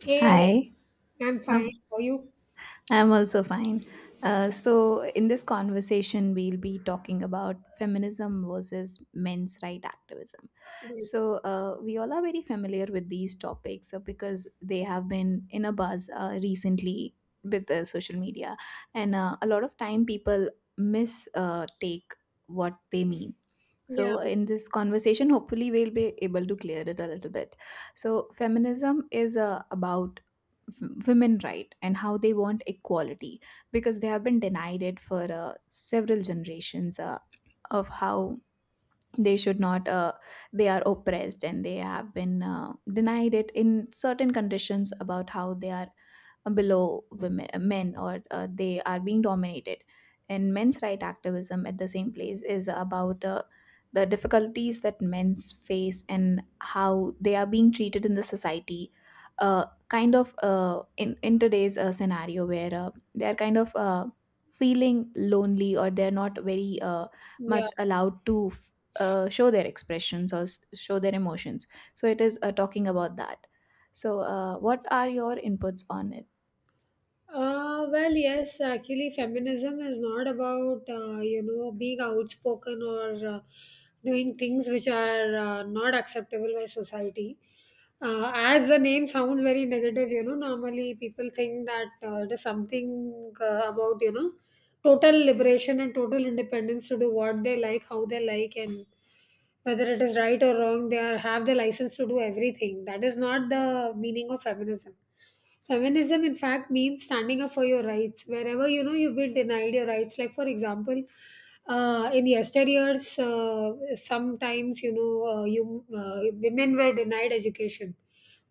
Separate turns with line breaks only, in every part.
Hey,
Hi.
I'm fine.
Oh,
How are you?
I'm also fine. So, in this conversation, we'll be talking about feminism versus men's right activism.
Great.
So, we all are very familiar with these topics because they have been in a buzz recently with the social media, and a lot of time people miss take what they mean.
Yeah,
So, in this conversation, hopefully, we'll be able to clear it a little bit. So, feminism is about women right and how they want equality because they have been denied it for several generations of how they should not they are oppressed, and they have been denied it in certain conditions about how they are below women, men or they are being dominated. And men's right activism at the same place is about the difficulties that men face and how they are being treated in the society. In today's scenario where they are kind of feeling lonely or they're not very
yeah.
much allowed to show their expressions or show their emotions. So it is talking about that. So, what are your inputs on?
Well, yes, actually, feminism is not about, you know, being outspoken or uh, doing things which are not acceptable by society. As the name sounds very negative, you know, normally people think that it is something about, you know, total liberation and total independence to do what they like, how they like, and whether it is right or wrong they are have the license to do everything. That is not the meaning of feminism. In fact means standing up for your rights wherever you know you've been denied your rights, like for example in yesteryears, sometimes, you know, you uh, women were denied education,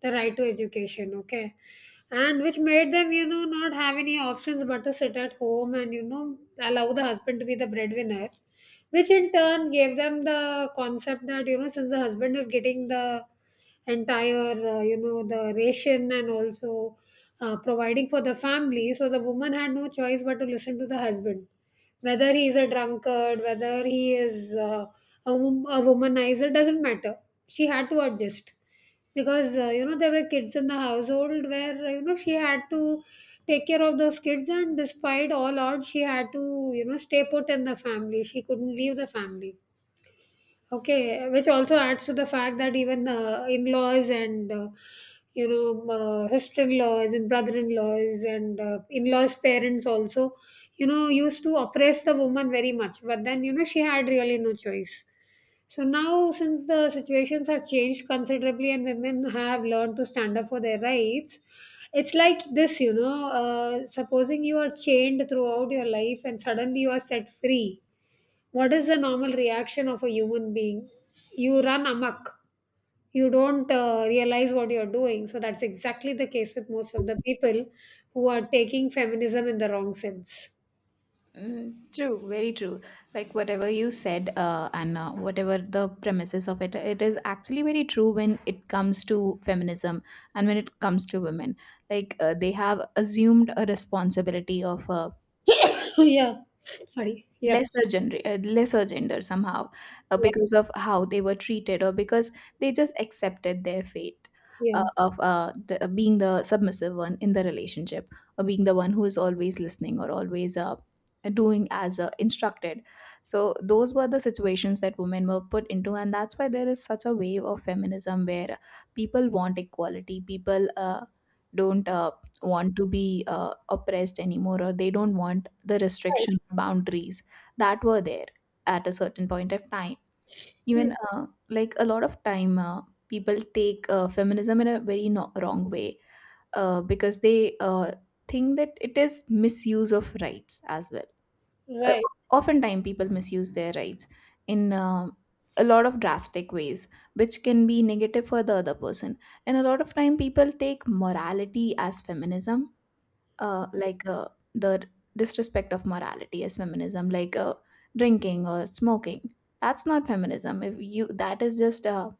the right to education. Okay, and which made them, you know, not have any options but to sit at home and, you know, allow the husband to be the breadwinner, which in turn gave them the concept that, you know, since the husband is getting the entire, you know, the ration, and also providing for the family, so the woman had no choice but to listen to the husband, whether he is a drunkard, whether he is a womanizer, doesn't matter, she had to adjust, because, you know, there were kids in the household, where, you know, she had to take care of those kids, and despite all odds she had to, you know, stay put in the family, she couldn't leave the family. Okay, which also adds to the fact that even in-laws and you know, sister-in-laws and brother-in-laws and in-laws' parents also, you know, used to oppress the woman very much. But then, you know, she had really no choice. So now, since the situations have changed considerably and women have learned to stand up for their rights, it's like this, you know, supposing you are chained throughout your life and suddenly you are set free, what is the normal reaction of a human being? You run amok. You don't realize what you're doing. So that's exactly the case with most of the people who are taking feminism in the wrong sense.
Mm, true, very true. Like whatever you said, and whatever the premises of it, it is actually very true when it comes to feminism and when it comes to women. Like they have assumed a responsibility of
Yeah. Sorry. Yep.
lesser gender somehow,
Yeah.
because of how they were treated or because they just accepted their fate uh,
Yeah.
of uh, the, uh, being the submissive one in the relationship, or being the one who is always listening or always doing as instructed. So those were the situations that women were put into, and that's why there is such a wave of feminism where people want equality. People don't want to be oppressed anymore, or they don't want the
Right.
restriction boundaries that were there at a certain point of time.
Hmm.
Even like a lot of time, people take feminism in a very wrong way, because they think that it is misuse of rights as well. Uh,
Right.
Oftentimes, people misuse their rights in a lot of drastic ways, which can be negative for the other person. And a lot of time, people take morality as feminism, like the disrespect of morality as feminism, like drinking or smoking. That's not feminism. If you, that is just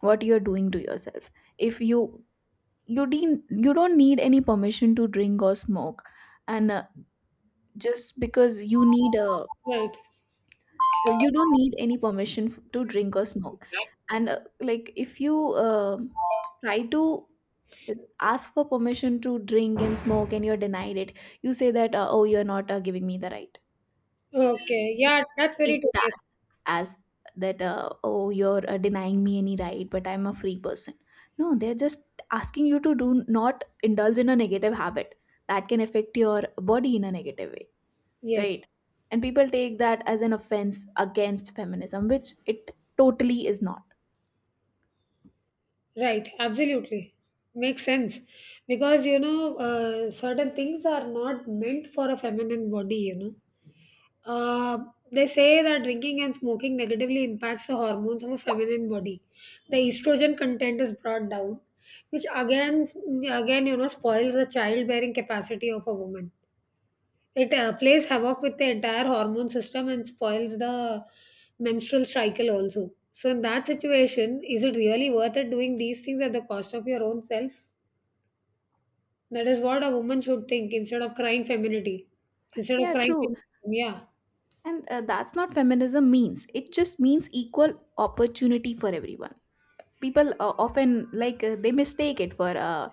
what you're doing to yourself. If you don't need any permission to drink or smoke, and just because you need a...
Right.
you don't need any permission to drink or smoke, and like if you try to uh, ask for permission to drink and smoke and you're denied it, you say that oh, you're not giving me the right.
Okay.
People
Yeah. That's very
take
true.
that
Yes.
as that oh, you're denying me any right, but I'm a free person. No, they're just asking you to do not indulge in a negative habit that can affect your body in a negative way,
Yes.
right? And people take that as an offense against feminism, which it totally is not.
Right, absolutely. Makes sense. Because, you know, certain things are not meant for a feminine body, you know. Uh, they say that drinking and smoking negatively impacts the hormones of a feminine body. The estrogen content is brought down, which again, you know, spoils the childbearing capacity of a woman. It plays havoc with the entire hormone system and spoils the menstrual cycle also. So in that situation, is it really worth it doing these things at the cost of your own self? That is what a woman should think instead of crying femininity. Instead of
Yeah,
crying,
true.
feminism. Yeah,
And that's not feminism means. It just means equal opportunity for everyone. People often they mistake it for uh,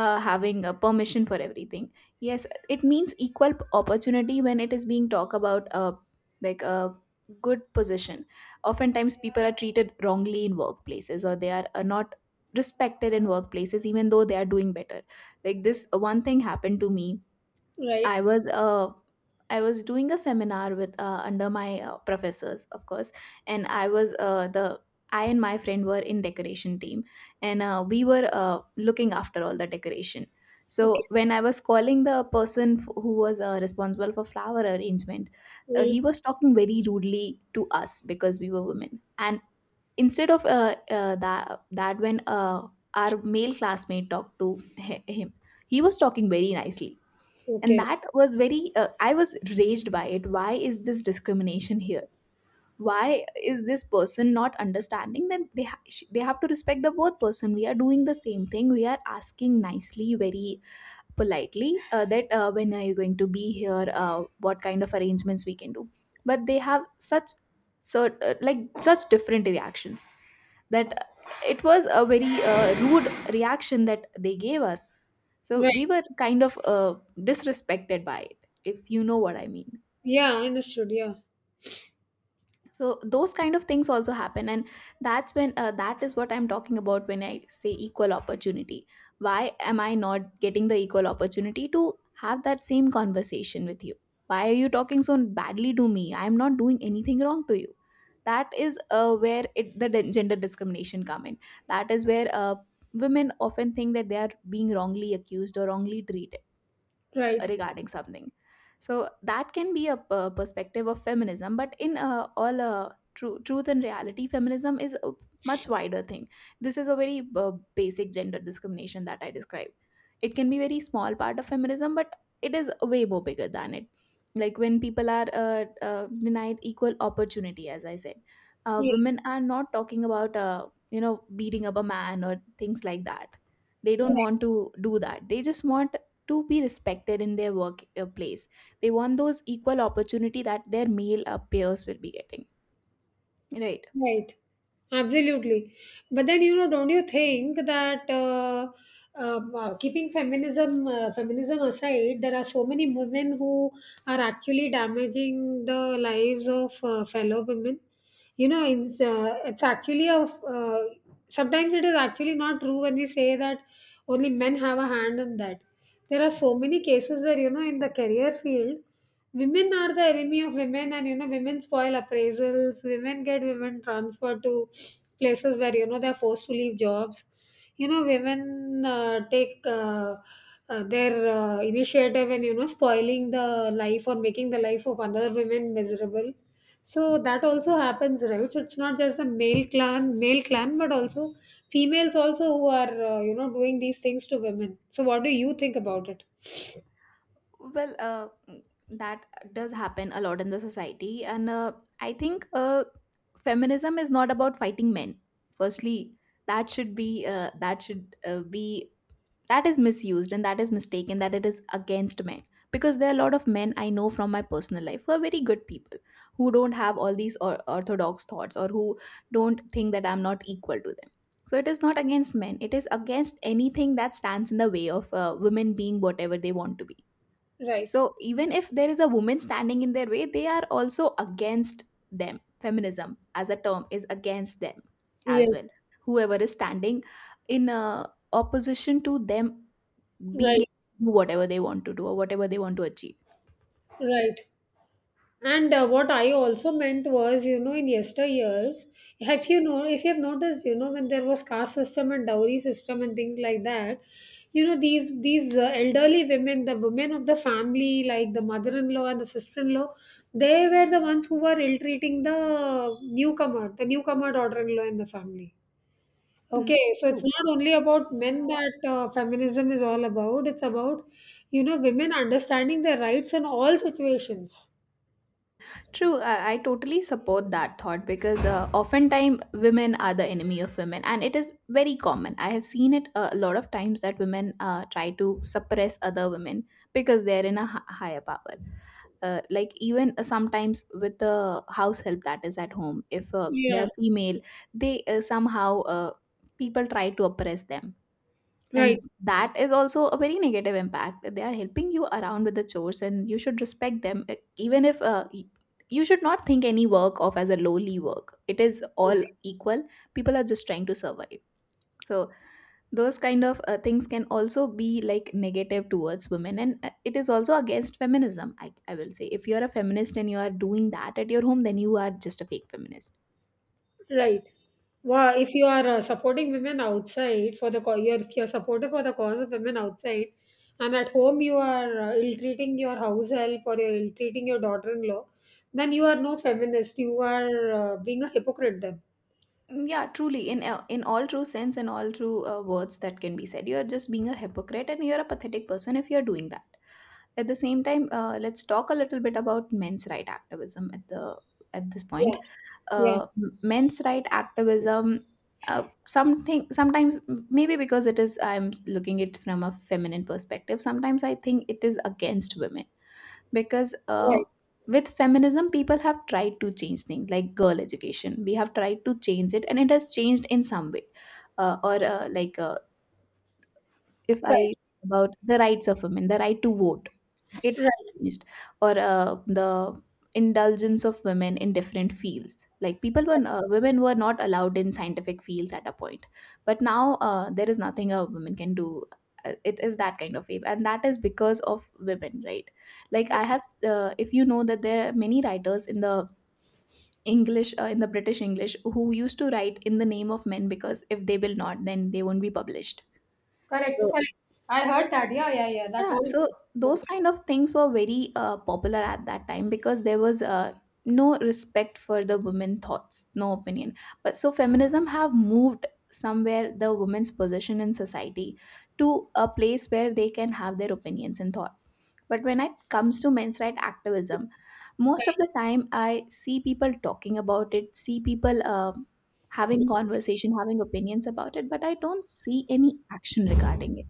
uh, having permission for everything. Yes, it means equal opportunity when it is being talked about, like a good position. Oftentimes people are treated wrongly in workplaces, or they are not respected in workplaces even though they are doing better. Like this one thing happened to me.
right,
I was uh I was doing a seminar with under my professors, of course, and I was the I and my friend were in decoration team, and we were looking after all the decoration.
okay.
So when I was calling the person who was responsible for flower arrangement, he
Mm,
was talking very rudely to us because we were women. And instead of that, when our male classmate talked to him, he was talking very nicely, and
okay,
that was very I was raged by it. Why is this discrimination here? Why is this person not understanding that they they have to respect the both person? We are doing the same thing. We are asking nicely, very politely, that when are you going to be here, what kind of arrangements we can do. But they have such like such different reactions, that it was a very rude reaction that they gave us. So we
right,
were kind of disrespected by it, if you know what I mean.
yeah, understood, yeah,
So those kind of things also happen, and that's when that is what I'm talking about when I say equal opportunity. Why am I not getting the equal opportunity to have that same conversation with you? Why are you talking so badly to me? I'm not doing anything wrong to you. That is where it, the gender discrimination come in. That is where women often think that they are being wrongly accused or wrongly treated
right,
regarding something. So that can be a perspective of feminism, but in all truth and reality, feminism is a much wider thing. This is a very basic gender discrimination that I described. It can be very small part of feminism, but it is way more bigger than it. Like when people are denied equal opportunity, as I said,
yeah.
women are not talking about beating up a man or things like that. They don't want to do that. They just want to be respected in their workplace. They want those equal opportunity that their male peers will be getting. Right.
Right. Absolutely. But then, you know, don't you think that wow, keeping feminism aside, there are so many women who are actually damaging the lives of fellow women. You know, it's actually a, sometimes it is actually not true when we say that only men have a hand in that. There are so many cases where, you know, in the career field, women are the enemy of women, and, you know, women spoil appraisals. Women get women transferred to places where, you know, they're forced to leave jobs. You know, women take their initiative and, you know, spoiling the life or making the life of another women miserable. So that also happens, right? So it's not just the male clan, but also females also who are, you know, doing these things to women. So what do you think about it?
Well, that does happen a lot in the society, and I think feminism is not about fighting men. Firstly, that should be that is misused, and that is mistaken that it is against men, because there are a lot of men I know from my personal life who are very good people, who don't have all these orthodox thoughts, or who don't think that I'm not equal to them. So it is not against men. It is against anything that stands in the way of women being whatever they want to be.
Right.
So even if there is a woman standing in their way, they are also against them. Feminism as a term is against them as
Yes,
well, whoever is standing in opposition to them being able
right.
to do whatever they want to do or whatever they want to achieve.
Right. And what I also meant was, you know, in yesteryears, have you know, if you have noticed, you know, when there was caste system and dowry system and things like that, you know, these elderly women, the women of the family, like the mother-in-law and the sister-in-law, they were the ones who were ill-treating the newcomer daughter-in-law in the family.
Mm,
Okay, so it's
true.
not only about men that feminism is all about. It's about, you know, women understanding their rights in all situations.
True. I totally support that thought because oftentimes women are the enemy of women, and it is very common. I have seen it a lot of times that women try to suppress other women because they're in a higher power. Like even sometimes with the house help that is at home, if they're
Yeah,
female, they somehow, people try to oppress them.
right.
And that is also a very negative impact. They are helping you around with the chores, and you should respect them. Even if you should not think any work of as a lowly work, it is all equal. People are just trying to survive. So those kind of things can also be like negative towards women, and it is also against feminism. I will say, if you are a feminist and you are doing that at your home, then you are just a fake feminist.
Right. Wow, if you are supporting women outside for the you're, if you're supportive for the cause of women outside, and at home you are ill-treating your house help or you're ill-treating your daughter-in-law, then you are no feminist. You are being a hypocrite then.
Mm, yeah, truly, in all true sense and all true words that can be said, you are just being a hypocrite, and you are a pathetic person if you are doing that. At the same time, let's talk a little bit about men's right activism at the at this
Yeah.
point.
Yeah.
Men's right activism, something sometimes, maybe because it is, I'm looking it from a feminine perspective. Sometimes I think it is against women because
Right.
with feminism people have tried to change things like girl education. We have tried to change it, and it has changed in some way. Uh, or uh, like uh, if i
Right.
about the rights of women, the right to vote, it
Right.
has changed. Or the indulgence of women in different fields. Like people were, women were not allowed in scientific fields at a point, but now there is nothing a woman can do. It is that kind of wave, and that is because of women, right? Like I have, if you know that there are many writers in the in the British English, who used to write in the name of men because if they will not, then they won't be published.
Correct.
So
Correct. I heard that. Yeah. Yeah. Yeah. That
Yeah,
was
so those kind of things were very popular at that time because there was no respect for the women thoughts, no opinion. But feminism have moved somewhere the women's position in society to a place where they can have their opinions and thought. But when it comes to men's right activism, most of the time I see people talking about it, see people having conversation, having opinions about it, but I don't see any action regarding it.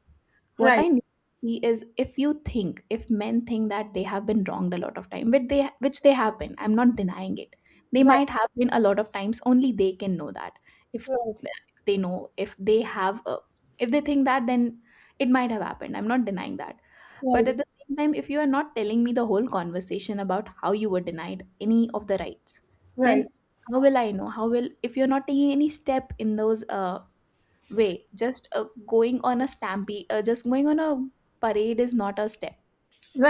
What I
right.
need to see is if you think, if men think that they have been wronged a lot of time, which they have been, I'm not denying it. They
Right.
might have been a lot of times. Only they can know that. If, if they know, if they think that, then it might have happened. I'm not denying that. But
Right.
at
Right.
the same time, if you are not telling me the whole conversation about how you were denied any of the rights,
Right.
then how will I know? How will if you're not taking any step in those way just going on a stampede just going on a parade is not a step.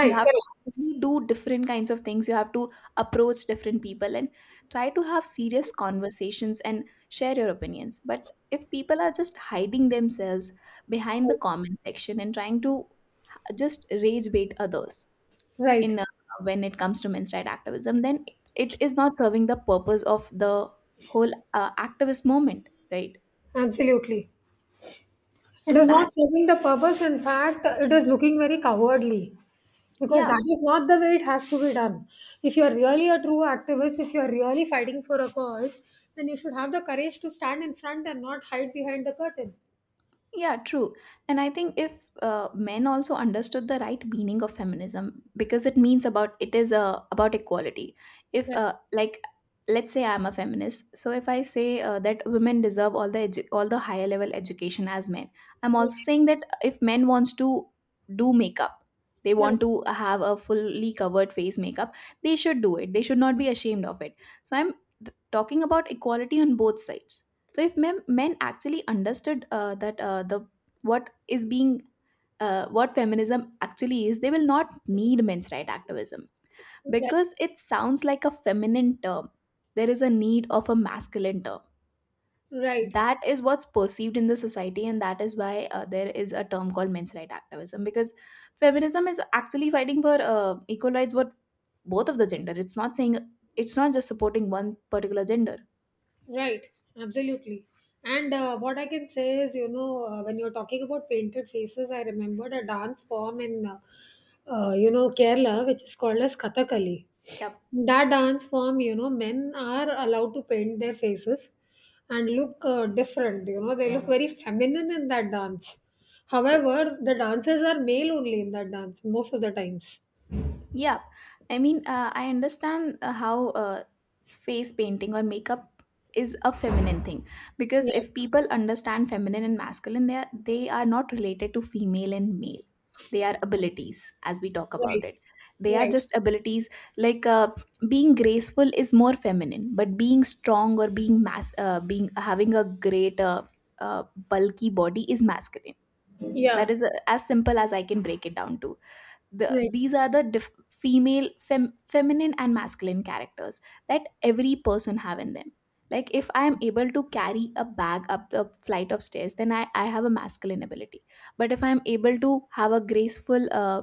You have to
Correct.
actively do different kinds of things, you have to approach different people and try to have serious conversations and share your opinions, but if people are just hiding themselves behind the comment section and trying to just rage bait others in
Right.
when it comes to men's right activism, then it is not serving the purpose of the whole activist movement, right?
Absolutely.
So
It is
that,
not serving the purpose. In fact, it is looking very cowardly because that
yeah.
is not the way it has to be done. If you are really a true activist, if you are really fighting for a cause, then you should have the courage to stand in front and not hide behind the curtain.
Yeah, true. And I think if men also understood the right meaning of feminism, because it means about it is about equality. If like let's say I'm a feminist, so if I say that women deserve all the all the higher level education as men, I'm also
Right.
saying that if men wants to do makeup, they
Right.
want to have a fully covered face makeup, they should do it. They should not be ashamed of it. So I'm talking about equality on both sides. So if men, men actually understood that the what is being what feminism actually is, they will not need men's right activism
Right.
because it sounds like a feminine term. There is a need of a masculine term.
Right.
That is what's perceived in the society, and that is why there is a term called men's right activism because feminism is actually fighting for equal rights for both of the gender. It's not saying it's not just supporting one particular gender.
Right, absolutely. And what I can say is, you know, when you're talking about painted faces, I remembered a dance form in, you know, Kerala, which is called as Kathakali.
Yep.
That dance form, you know, men are allowed to paint their faces and look different. You know, they look very feminine in that dance. However, the dancers are male only in that dance most of the times.
Yeah, I mean, I understand how face painting or makeup is a feminine thing because
Yeah,
if people understand feminine and masculine, they are not related to female and male. They are abilities, as we talk about
right,
it. They are
right.
just abilities. Like being graceful is more feminine, but being strong or being mass, being having a great bulky body is masculine. That
Yeah,
is as simple as I can break it down to. The
right,
these are the feminine and masculine characters that every person have in them. Like if I am able to carry a bag up the flight of stairs, then I have a masculine ability, but if I am able to have a graceful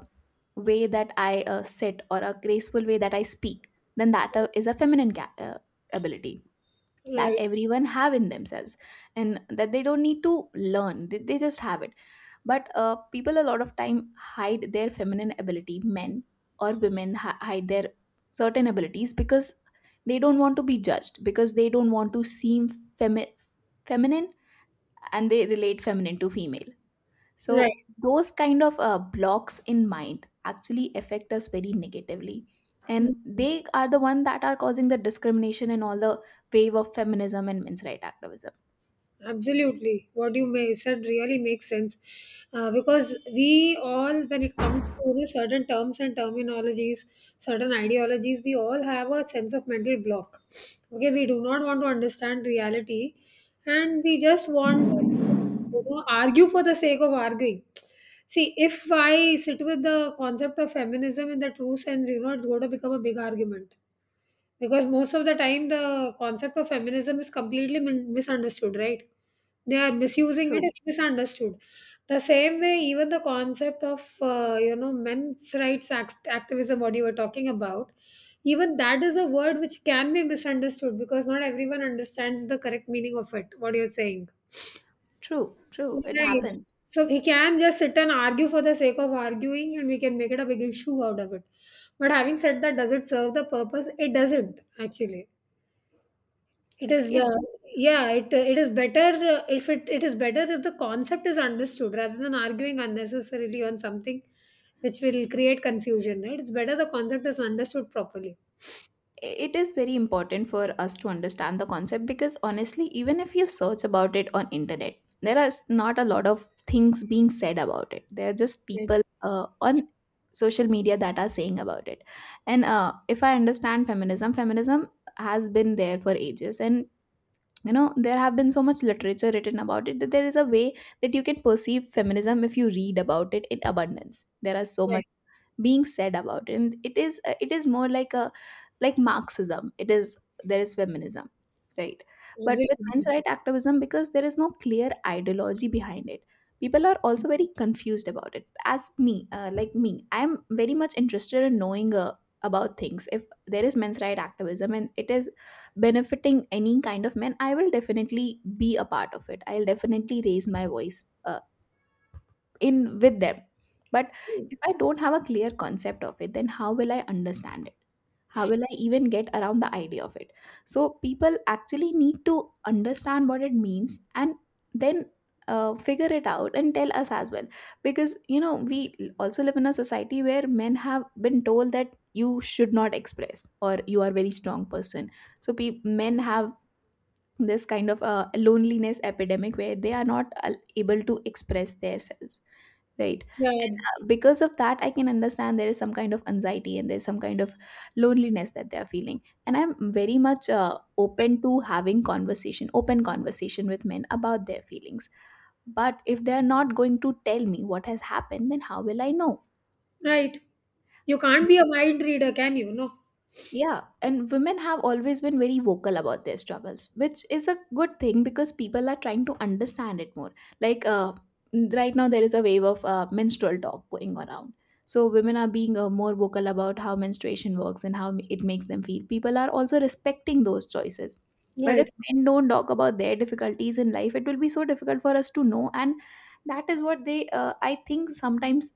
way that I sit or a graceful way that I speak, then that is a feminine ability that
right,
everyone have in themselves, and that they don't need to learn. They just have it. But people a lot of time hide their feminine ability, men or women hide their certain abilities because they don't want to be judged, because they don't want to seem femi- feminine, and they relate feminine to female.
right.
So those kind of blocks in mind actually affect us very negatively, and they are the one that are causing the discrimination and all the wave of feminism and men's right activism.
Absolutely. What you may said really makes sense, because we all, when it comes to, you know, certain terms and terminologies, certain ideologies, we all have a sense of mental block. Okay, we do not want to understand reality and we just want to, you know, argue for the sake of arguing. See, if I sit with the concept of feminism in the true sense, you know, it's going to become a big argument because most of the time, the concept of feminism is completely misunderstood, right? They are misusing it,
true
it's misunderstood. The same way, even the concept of, you know, men's rights activism, what you were talking about, even that is a word which can be misunderstood because not everyone understands the correct meaning of it, what you're saying.
true true, it
Right.
happens.
So we can just sit and argue for the sake of arguing and we can make it a big issue out of it. But having said that, does it serve the purpose? It doesn't, actually. It is,
it
it is better if it it is better if the concept is understood rather than arguing unnecessarily on something which will create confusion, right? It's better the concept is understood properly.
it is very important for us to understand the concept, because honestly, even if you search about it on internet, there are not a lot of things being said about it. There are just
Right,
people on social media that are saying about it. And if I understand feminism, feminism has been there for ages, and you know there have been so much literature written about it, that there is a way that you can perceive feminism if you read about it in abundance. There are so much
right.
being said about it, and it is more like a like Marxism. It is, there is feminism, right? But with men's
Absolutely.
right activism, because there is no clear ideology behind it, people are also very confused about it, as me like me. I'm very much interested in knowing about things. If there is men's right activism and it is benefiting any kind of men, I will definitely be a part of it, I'll definitely raise my voice in with them. But if I don't have a clear concept of it, then how will I understand it? How will I even get around the idea of it? So people actually need to understand what it means and then figure it out and tell us as well. Because you know we also live in a society where men have been told that you should not express, or you are a very strong person. So men have this kind of loneliness epidemic, where they are not able to express themselves, right? And
Yeah,
because of that, I can understand there is some kind of anxiety and there's some kind of loneliness that they are feeling. And I'm very much open to having conversation, open conversation with men about their feelings. But if they are not going to tell me what has happened, then how will I know?
right. You can't be a mind reader, can you? No.
Yeah, and women have always been very vocal about their struggles, which is a good thing because people are trying to understand it more. Like right now, there is a wave of menstrual talk going around. So women are being more vocal about how menstruation works and how it makes them feel. People are also respecting those choices. But if
Right.
men don't talk about their difficulties in life, it will be so difficult for us to know. And that is what they, I think, sometimes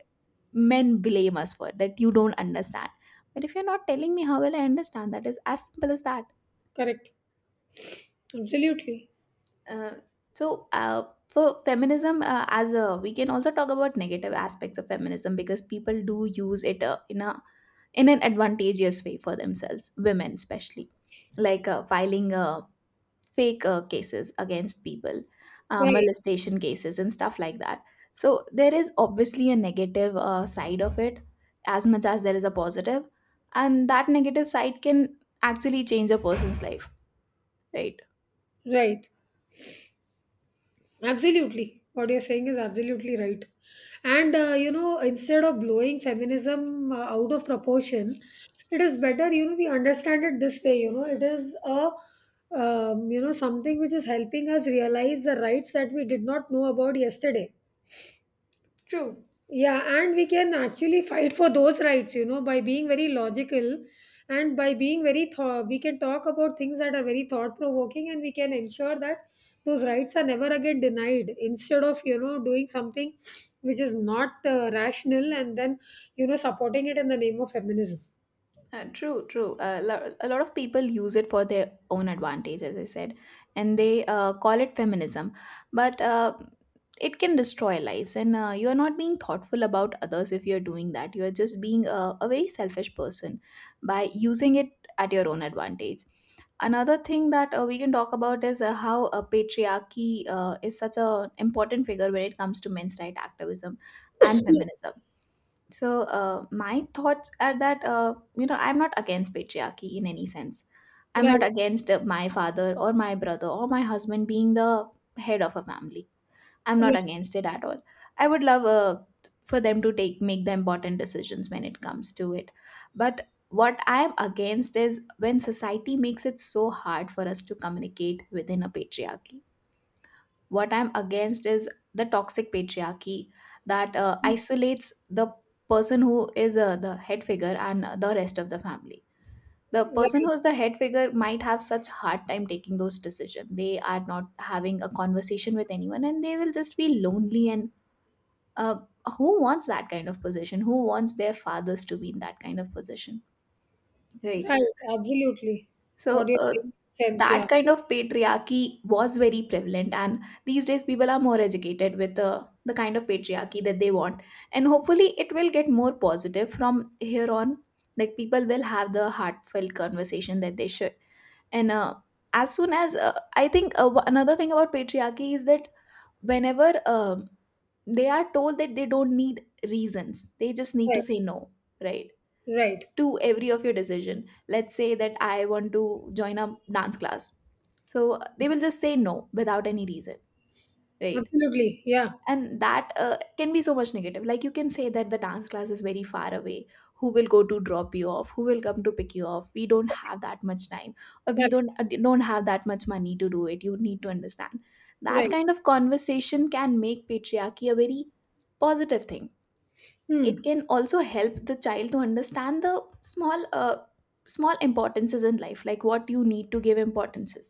men blame us for, that you don't understand. But if you're not telling me, how will I understand? That is as simple as that.
Correct. Absolutely.
Uh, so uh, for feminism, as a we can also talk about negative aspects of feminism, because people do use it in an advantageous way for themselves, women especially. Like filing a fake cases against people,
Right.
molestation cases, and stuff like that. So there is obviously a negative side of it, as much as there is a positive, and that negative side can actually change a person's life, right?
Right. Absolutely. What you're saying is absolutely right. And, you know, instead of blowing feminism out of proportion, it is better, you know, we understand it this way, you know, it is a, you know, something which is helping us realize the rights that we did not know about yesterday.
True.
Yeah, and we can actually fight for those rights, you know, by being very logical and by being very thought. We can talk about things that are very thought provoking and we can ensure that those rights are never again denied instead of, you know, doing something which is not rational and then, you know, supporting it in the name of feminism.
True. A lot of people use it for their own advantage, as I said, and they call it feminism. But it can destroy lives, and you are not being thoughtful about others if you're doing that. You are just being a very selfish person by using it at your own advantage. Another thing that we can talk about is how patriarchy is such an important figure when it comes to men's right activism and feminism. So my thoughts are that you know I'm not against patriarchy in any sense. I'm
Right.
not against my father or my brother or my husband being the head of a family. I'm not
Yeah.
against it at all. I would love for them to take make the important decisions when it comes to it. But what I'm against is when society makes it so hard for us to communicate within a patriarchy. What I'm against is the toxic patriarchy that isolates the person who is the head figure, and the rest of the family. The person
Right.
who's the head figure might have such hard time taking those decisions. They are not having a conversation with anyone, and they will just be lonely. And uh, who wants that kind of position? Who wants their fathers to be in that kind of position, right?
Right. Absolutely. What
So
you're
uh,
saying? Makes sense.
that
Yeah.
kind of patriarchy was very prevalent, and these days people are more educated with the kind of patriarchy that they want, and hopefully it will get more positive from here on. Like, people will have the heartfelt conversation that they should, and as soon as I think another thing about patriarchy is that whenever they are told that they don't need reasons, they just need to
Right.
say no, right?
Right.
To every of your decision. Let's say that I want to join a dance class, so they will just say no without any reason, right?
Absolutely. Yeah.
And that can be so much negative. Like, you can say that the dance class is very far away. Who will go to drop you off? Who will come to pick you off? We don't have that much time, or we
Correct.
don't have that much money to do it. You need to understand that
Right.
kind of conversation can make patriarchy a very positive thing. It
Hmm.
can also help the child to understand the small uh, small importances in life, like what you need to give importances.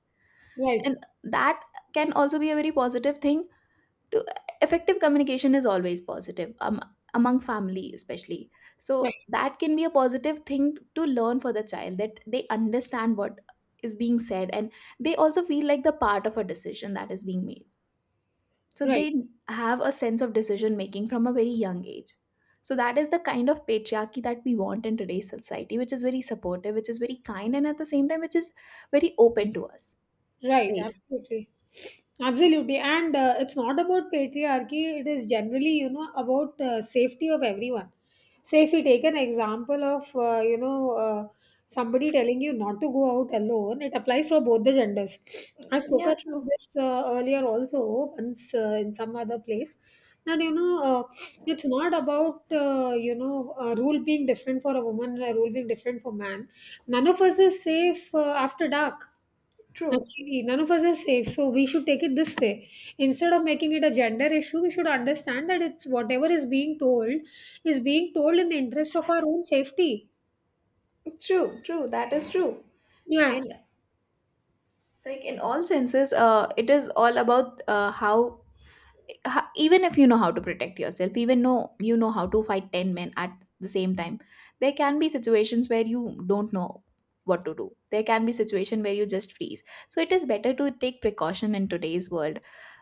Right.
And that can also be a very positive thing to. Effective communication is always positive, among family especially. So
Right.
that can be a positive thing to learn for the child, that they understand what is being said, and they also feel like the part of a decision that is being made, so
Right.
they have a sense of decision making from a very young age. So that is the kind of patriarchy that we want in today's society, which is very supportive, which is very kind, and at the same time, which is very open to us.
Right,
Right.
absolutely. Absolutely. And it's not about patriarchy, it is generally, you know, about safety of everyone. Say, if we take an example of, you know, somebody telling you not to go out alone, it applies for both the genders. I've spoken
Yeah,
about
true,
this earlier also, once in some other place. That, you know, it's not about, you know, a rule being different for a woman and a rule being different for man. None of us is safe after dark.
true,
Actually, none of us is safe. So we should take it this way. Instead of making it a gender issue, we should understand that it's whatever is being told in the interest of our own safety.
true, true. That is true.
Yeah,
In like in all senses, it is all about how even if you know how to protect yourself, even know you know how to fight 10 men at the same time, there can be situations where you don't know what to do. There can be situation where you just freeze. So it is better to take precaution in today's world,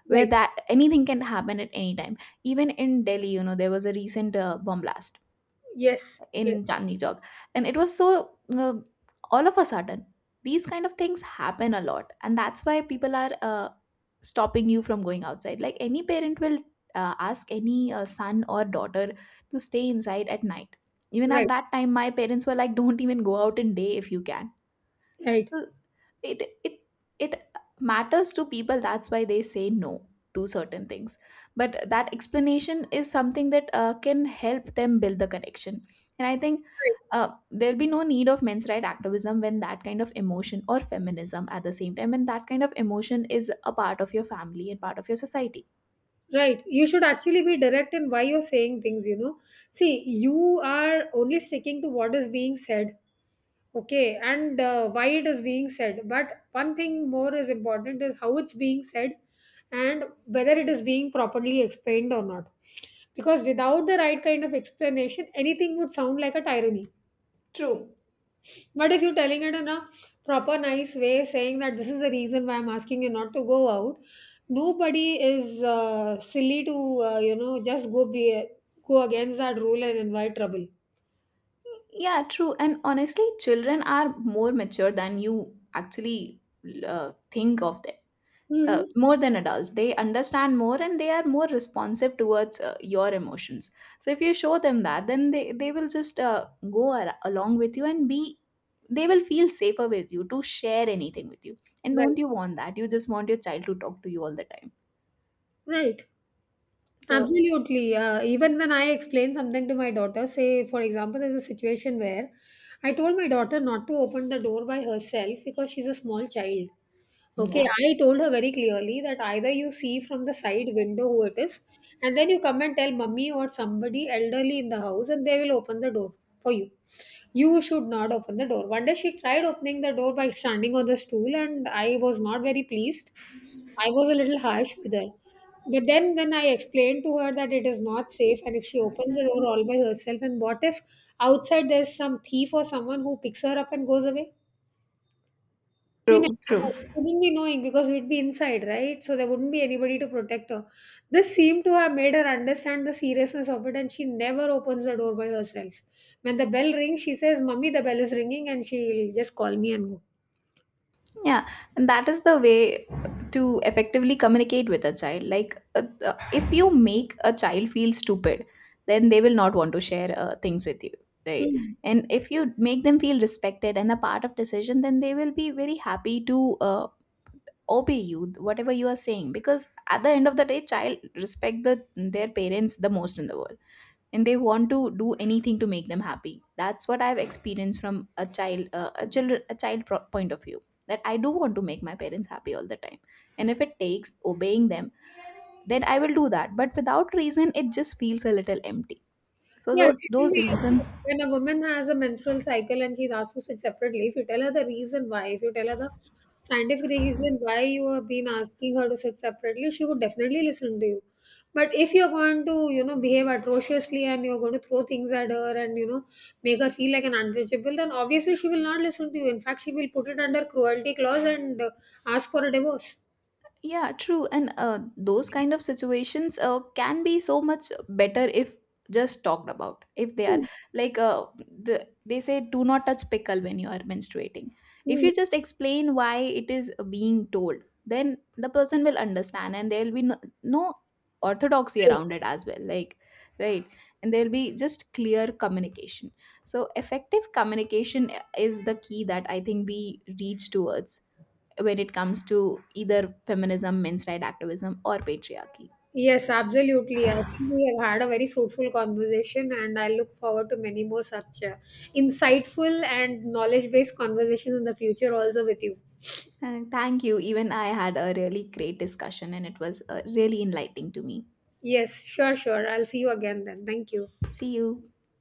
where
right.
that anything can happen at any time. Even in Delhi, you know, there was a recent bomb blast
Yes, yes,
in Chandni Chowk. And it was so all of a sudden. These kind of things happen a lot, and that's why people are stopping you from going outside. Like any parent will ask any son or daughter to stay inside at night. Even at
right,
that time, my parents were like, "Don't even go out in day if you can."
right,
So it it matters to people. That's why they say no to certain things. But that explanation is something that can help them build the connection. And I think
right,
there'll be no need of men's right activism when that kind of emotion, or feminism at the same time, when that kind of emotion is a part of your family and part of your society.
right. You should actually be direct in why you're saying things, you know. See, you are only sticking to what is being said, okay, and why it is being said, but one thing more is important is how it's being said and whether it is being properly explained or not, because without the right kind of explanation anything would sound like a tyranny.
True.
But if you're telling it in a proper nice way, saying that this is the reason why I'm asking you not to go out, nobody is silly to you know, just go be go against that rule and invite trouble.
Yeah, true. And honestly, children are more mature than you actually think of them. Uh,
Mm-hmm.
more than adults, they understand more, and they are more responsive towards your emotions. So if you show them that, then they will just along with you and be, they will feel safer with you to share anything with you. And
Right,
don't you want that? You just want your child to talk to you all the time.
right.
So,
Absolutely. Even when I explain something to my daughter, say, for example, there's a situation where I told my daughter not to open the door by herself because she's a small child. Okay,
yeah,
I told her very clearly that either you see from the side window who it is, and then you come and tell mummy or somebody elderly in the house, and they will open the door for you. You should not open the door. One day she tried opening the door by standing on the stool, and I was not very pleased, I was a little harsh with her. But then, when I explained to her that it is not safe, and if she opens the door all by herself, and what if outside there's some thief or someone who picks her up and goes away? You never
true, true.
know. We wouldn't be knowing because we'd be inside, right? So there wouldn't be anybody to protect her. This seemed to have made her understand the seriousness of it, and she never opens the door by herself. When the bell rings, she says, "Mummy, the bell is ringing," and she'll just call me and go.
Yeah, and that is the way to effectively communicate with a child. Like, if you make a child feel stupid, then they will not want to share things with you, right?
Mm.
And if you make them feel respected and a part of decision, then they will be very happy to obey you, whatever you are saying. Because at the end of the day, child respect the their parents the most in the world, and they want to do anything to make them happy. That's what I've experienced from a child, a point of view, that I do want to make my parents happy all the time, and if it takes obeying them, then I will do that. But without reason, it just feels a little empty. So
Yeah,
those
certainly, you know,
reasons.
when a woman has a menstrual cycle and she's asked to sit separately, if you tell her the reason why, if you tell her the scientific reason why you have been asking her to sit separately, she would definitely listen to you. But if you're going to, you know, behave atrociously and you're going to throw things at her and, you know, make her feel like an untouchable, then obviously she will not listen to you. In fact, she will put it under cruelty clause and ask for a divorce.
Yeah, true. And those kind of situations can be so much better if just talked about. If they are
Hmm.
like, they say, do not touch pickle when you are menstruating. If
Hmm.
you just explain why it is being told, then the person will understand, and there will be no, no orthodoxy around it as well. Like, right? And there will be just clear communication. So effective communication is the key that I think we reach towards when it comes to either feminism, men's right activism, or patriarchy.
Yes, absolutely. I think we have had a very fruitful conversation, and I look forward to many more such insightful and knowledge based conversations in the future, also with you.
Thank you. Even I had a really great discussion, and it was really enlightening to me.
Yes, sure, sure. I'll see you again then. Thank you.
See you.